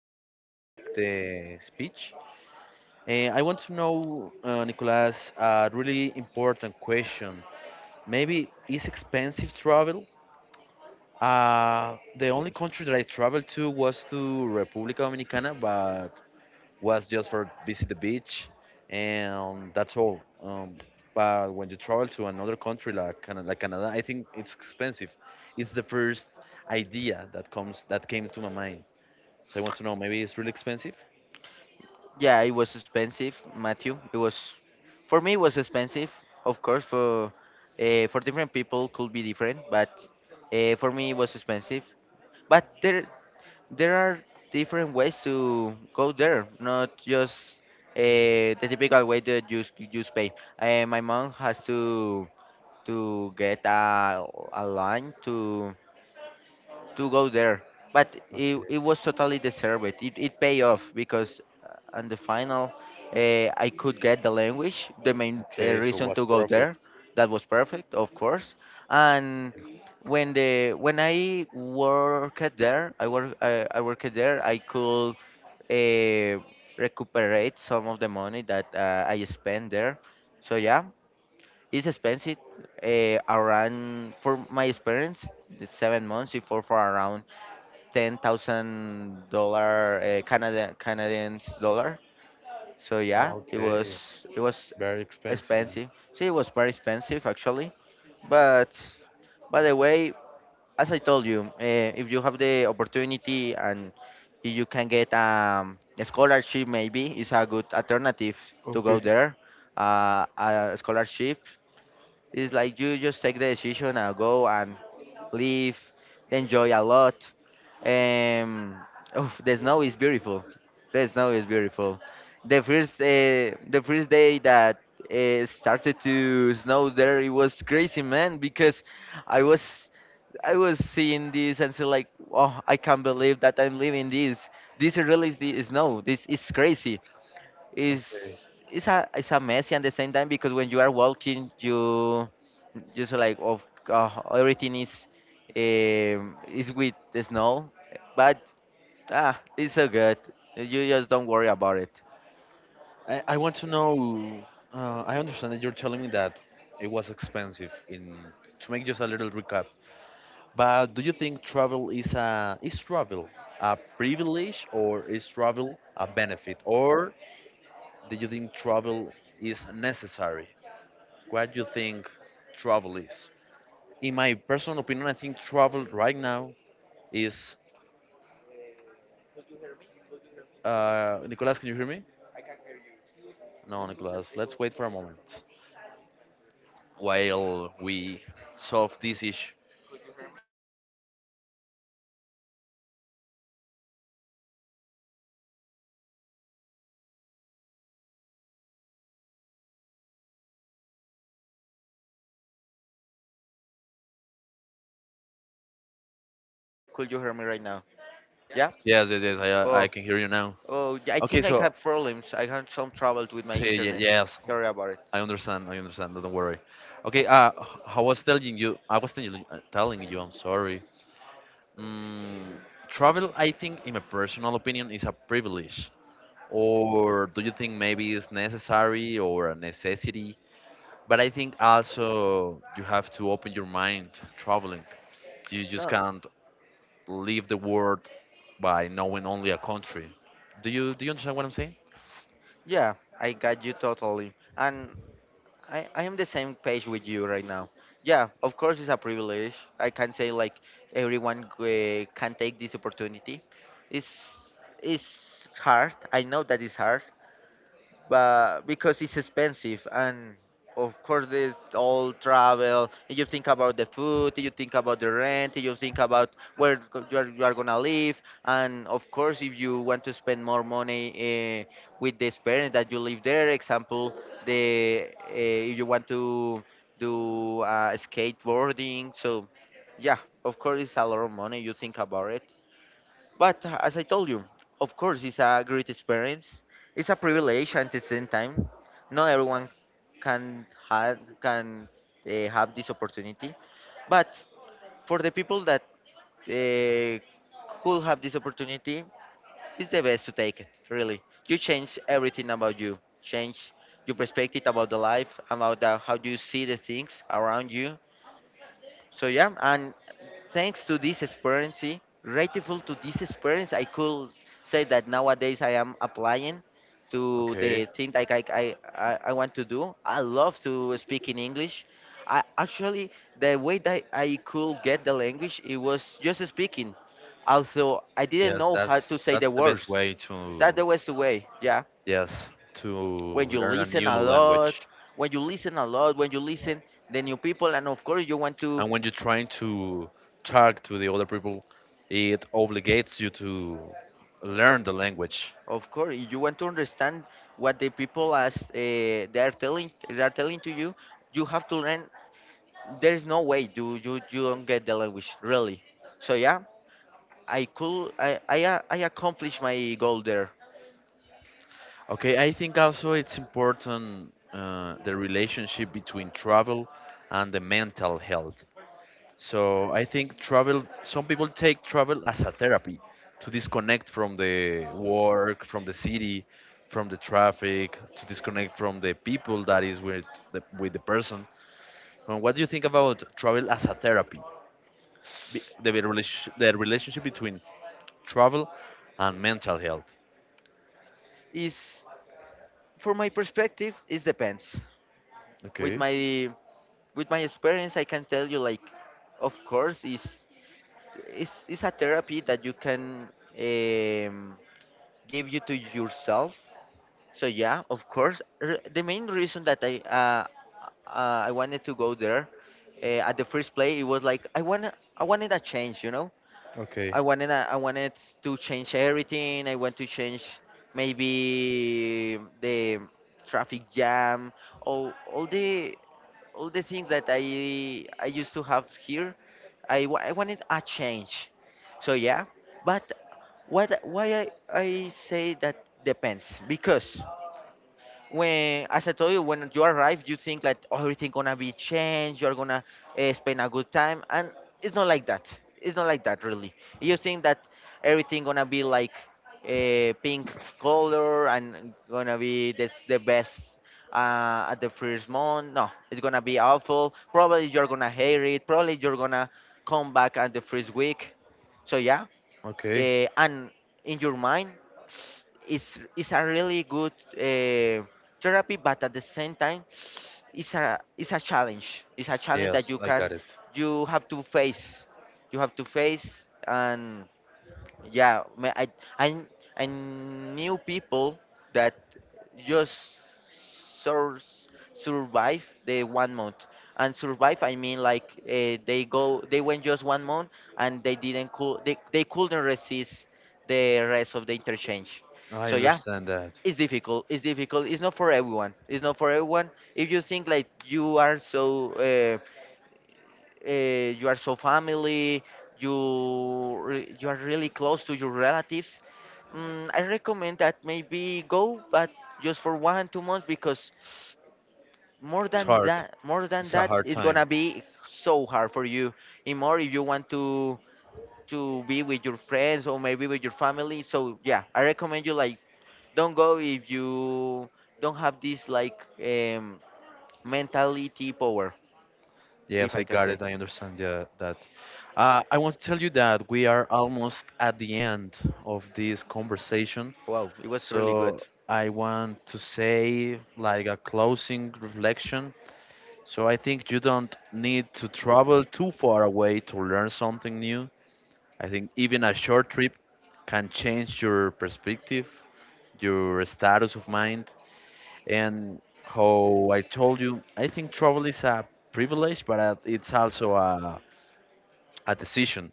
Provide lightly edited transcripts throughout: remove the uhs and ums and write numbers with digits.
gonna retake the speech. And I want to know, Nicolas, a really important question. Maybe is expensive travel? The only country that I traveled to was to República Dominicana, but was just for visit the beach, and that's all. But when you travel to another country like Canada, I think it's expensive. It's the first idea that comes that came to my mind. So I want to know, maybe it's really expensive? Yeah, it was expensive, Matthew. It was for me it was expensive. Of course, for different people could be different, but for me it was expensive. But there are different ways to go there, not just the typical way that you just pay. My mom has to get a line to go there. But Okay, it was totally deserved. It paid off because on the final, I could get the language, the main okay. So reason what's to go there. profit? That was perfect, of course. And when I worked there, I worked there. I could uh, recuperate some of the money that I spent there. So yeah, it's expensive. Around for my experience, the 7 months before for around 10,000 dollar Canada Canadian dollar. So yeah, it was Okay, it was very expensive, man. expensive. See, it was very expensive actually. But by the way, as I told you, if you have the opportunity and if you can get a scholarship, maybe it's a good alternative to Okay. go there. A scholarship is like you just take the decision and go and live, enjoy a lot. Um, oh, the snow is beautiful. The snow is beautiful. The first day that it started to snow there, it was crazy, man, because I was I was seeing this and said, like, oh, I can't believe that I'm living this. This really is the snow. This is crazy is Okay. It's a messy at the same time because when you are walking you just like of everything is with the snow but ah it's so good you just don't worry about it. I want to know. I understand that you're telling me that it was expensive. In to make just a little recap, but do you think travel is a is travel a privilege or is travel a benefit or do you think travel is necessary? What do you think travel is? In my personal opinion, I think travel right now is. Um, could you hear me? Could you hear me? Nicolas, can you hear me? I can hear you. Me No, escuchas, Nicolas. digo, Let's wait could for a you hear me? moment Trying to return my, you have while a stable we internet connection. solve this issue. Could you hear me? Ay parce. Could you hear me Matthew? I think you, could you hear me right now? Yeah. Yes, yes, yes. I Oh, can hear you now. oh, I Okay, think I so have problems. I had some trouble with my say internet. yes. Sorry about it. I understand. I understand. Don't worry. Okay. I was telling you. I was telling you. I'm sorry. Mm, travel. I think, in my personal opinion, is a privilege. Or do you think maybe it's necessary or a necessity? But I think also you have to open your mind to traveling. You just No, can't leave the world by knowing only a country. Do you understand what I'm saying? yeah, I got you totally. And I am the same page with you right now. Yeah, of course it's a privilege. I can say like everyone can take this opportunity. It's it's hard. I know that it's hard, but because it's expensive and of course there's all travel and you think about the food, you think about the rent, you think about where you are gonna live, and of course if you want to spend more money with the experience that you live there, example, the if you want to do skateboarding, so yeah, of course it's a lot of money you think about it. But as I told you, of course, it's a great experience. It's a privilege at the same time. Not everyone can have this opportunity. But for the people that uh, could have this opportunity, it's the best to take it. Really, you change everything about you. Change your perspective about the life, about how you see the things around you, so yeah, and thanks to this experience, see, grateful to this experience, I could say that nowadays I am applying to Okay. the thing like I, I want to do. I love to speak in English. I actually, the way that I could get the language, it was just speaking, although I didn't Yes, know how that's to say the that's the best words. way to That was the way, yeah. yes, to When you learn a listen new a lot, language. when you listen a lot, when you listen the new people and of course you want to. And when you're trying to talk to the other people, it obligates you to learn the language. Of course, you want to understand what the people as they are telling, to you, you have to learn. There is no way you don't get the language really. So yeah, I could I a- I accomplished my goal there. Okay, I think also it's important the relationship between travel and the mental health. So I think travel, some people take travel as a therapy to disconnect from the work, from the city, from the traffic, to disconnect from the people that is with with the person. What do you think about travel as a therapy? The relationship between travel and mental health. Is for my perspective, it depends. With Okay, my with my experience, I can tell you like, of course, is a therapy that you can um, give you to yourself. So yeah, of course. The main reason that I wanted to go there at the first play, it was like I wanted a change, you know. okay, I wanted to change everything. I want to change maybe the traffic jam, all all the all the things that I used to have here. I wanted a change. So yeah, but what why I say that depends because when, as I told you, when you arrive, you think like, "Oh, everything gonna be changed. You're gonna spend a good time," and it's not like that. It's not like that really. You think that everything gonna be like a pink color and gonna be this the best at the first month. No, it's gonna be awful. Probably you're gonna hate it. Probably you're gonna come back at the first week. So yeah, okay. And in your mind it's a really good uh, therapy, but at the same time, it's a challenge. It's a challenge that Yes, I got it. you have to face. You have to face, and yeah, I I knew people that just sur survive the 1 month. And survive, I mean like they go, they went just 1 month and they didn't cool, they couldn't resist the rest of the interchange. I So yeah, understand that. it's difficult. It's difficult. It's not for everyone. It's not for everyone. If you think like you are so you are so family, you are really close to your relatives. Mm, I recommend that maybe go, but just for 1 2 months because It's hard. More than It's a that, hard it's time. gonna be so hard for you. And more if you want to be with your friends or maybe with your family. So yeah, I recommend you like don't go if you don't have this like mentality power, if Yes, I I can got say. it. I understand that. I want to tell you that we are almost at the end of this conversation. Wow, it was really good. So I want to say, like, a closing reflection. So I think you don't need to travel too far away to learn something new. I think even a short trip can change your perspective, your status of mind. And how I told you, I think travel is a privilege, but it's also a decision.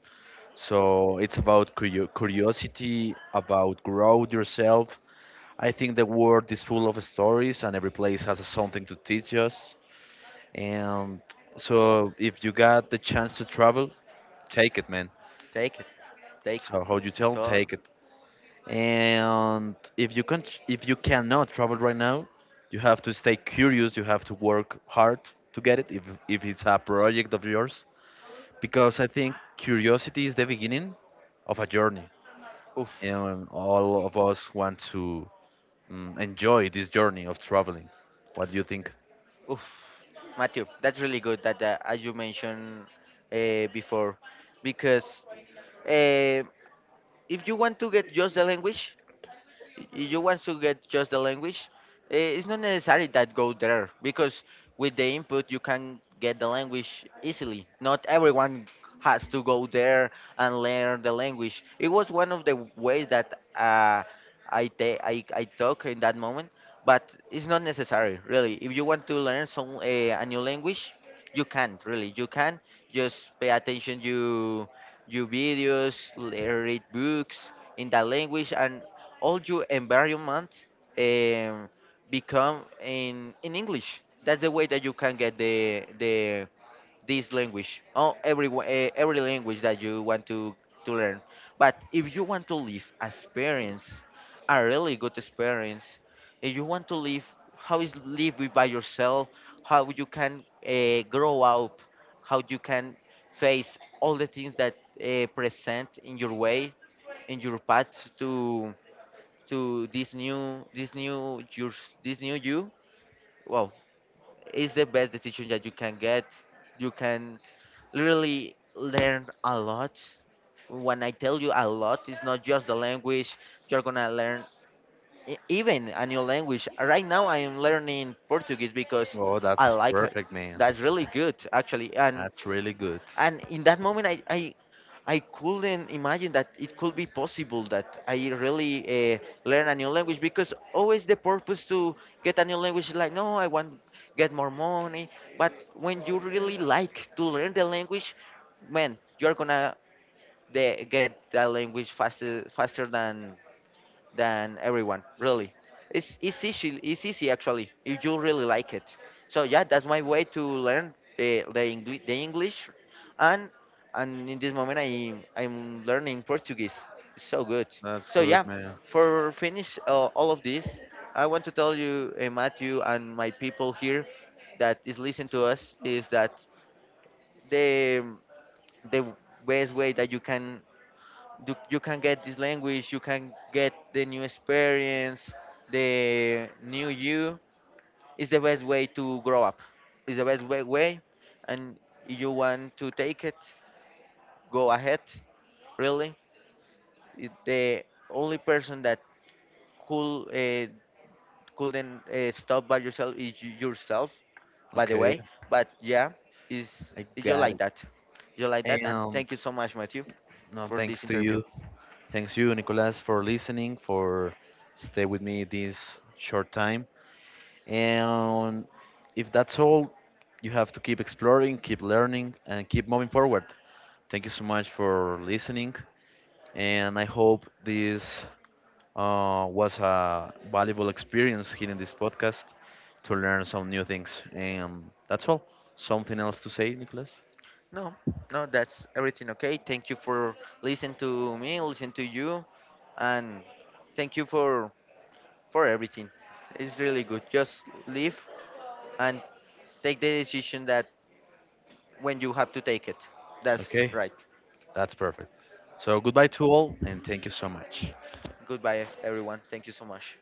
So it's about curiosity, about growth yourself. I think the world is full of stories, and every place has something to teach us. And so, if you got the chance to travel, take it, man. Take it. Take it. So how you tell, So, take it. And if you can, if you cannot travel right now, you have to stay curious. You have to work hard to get it. If it's a project of yours, because I think curiosity is the beginning of a journey oof, and all of us want to enjoy this journey of traveling. What do you think? oof. Matthew, that's really good that as you mentioned before, because uh, if you want to get just the language, if you want to get just the language, it's not necessary that go there because with the input you can get the language easily. Not everyone has to go there and learn the language. It was one of the ways that I I talk in that moment, but it's not necessary really. If you want to learn some a new language, you can really. You can just pay attention. You videos, read books in that language, and all your environment um, become in English. That's the way that you can get the this language. Oh, every language that you want to learn. But if you want to live experience, a really good experience, if you want to live how is live with by yourself, how you can grow up, how you can face all the things that present in your way in your path to this new yours, this new you, wow, it's the best decision that you can get. You can literally learn a lot. When I tell you a lot, it's not just the language you're gonna learn. E- even a new language, right now I am learning Portuguese because Oh, I that's like it. perfect, man. That's really good actually. and That's really good. and in that moment I couldn't imagine that it could be possible that I really learn a new language, because always the purpose to get a new language is like, no, I want get more money. But when you really like to learn the language, man, you're gonna get that language faster than everyone. Really, it's easy. It's easy actually if you really like it. So yeah, that's my way to learn the English, and and in this moment I'm learning Portuguese. It's so good. That's So good, yeah, man. for finish all of this, I want to tell you Matthew and my people here that is listening to us, is that the the best way that you, you can get this language, you can get the new experience, the new you, is the best way to grow up, is the best way, and you want to take it, go ahead, really. The only person that could uh, couldn't stop by yourself is yourself, by the Okay, way. But yeah, is I you got like it. that, you like that. And And thank you so much, Matthew, no, for this thanks to interview. you. Thanks you, Nicolas, for listening, for stay with me this short time. And if that's all, you have to keep exploring, keep learning, and keep moving forward. Thank you so much for listening. And I hope this was a valuable experience here in this podcast to learn some new things. And that's all. Something else to say, Nicholas? No, no, that's everything okay. Thank you for listening to me, listen to you, and thank you for everything. It's really good. Just live and take the decision that when you have to take it. That's Okay, right. that's perfect. So goodbye to all, and thank you so much. Goodbye, everyone. Thank you so much.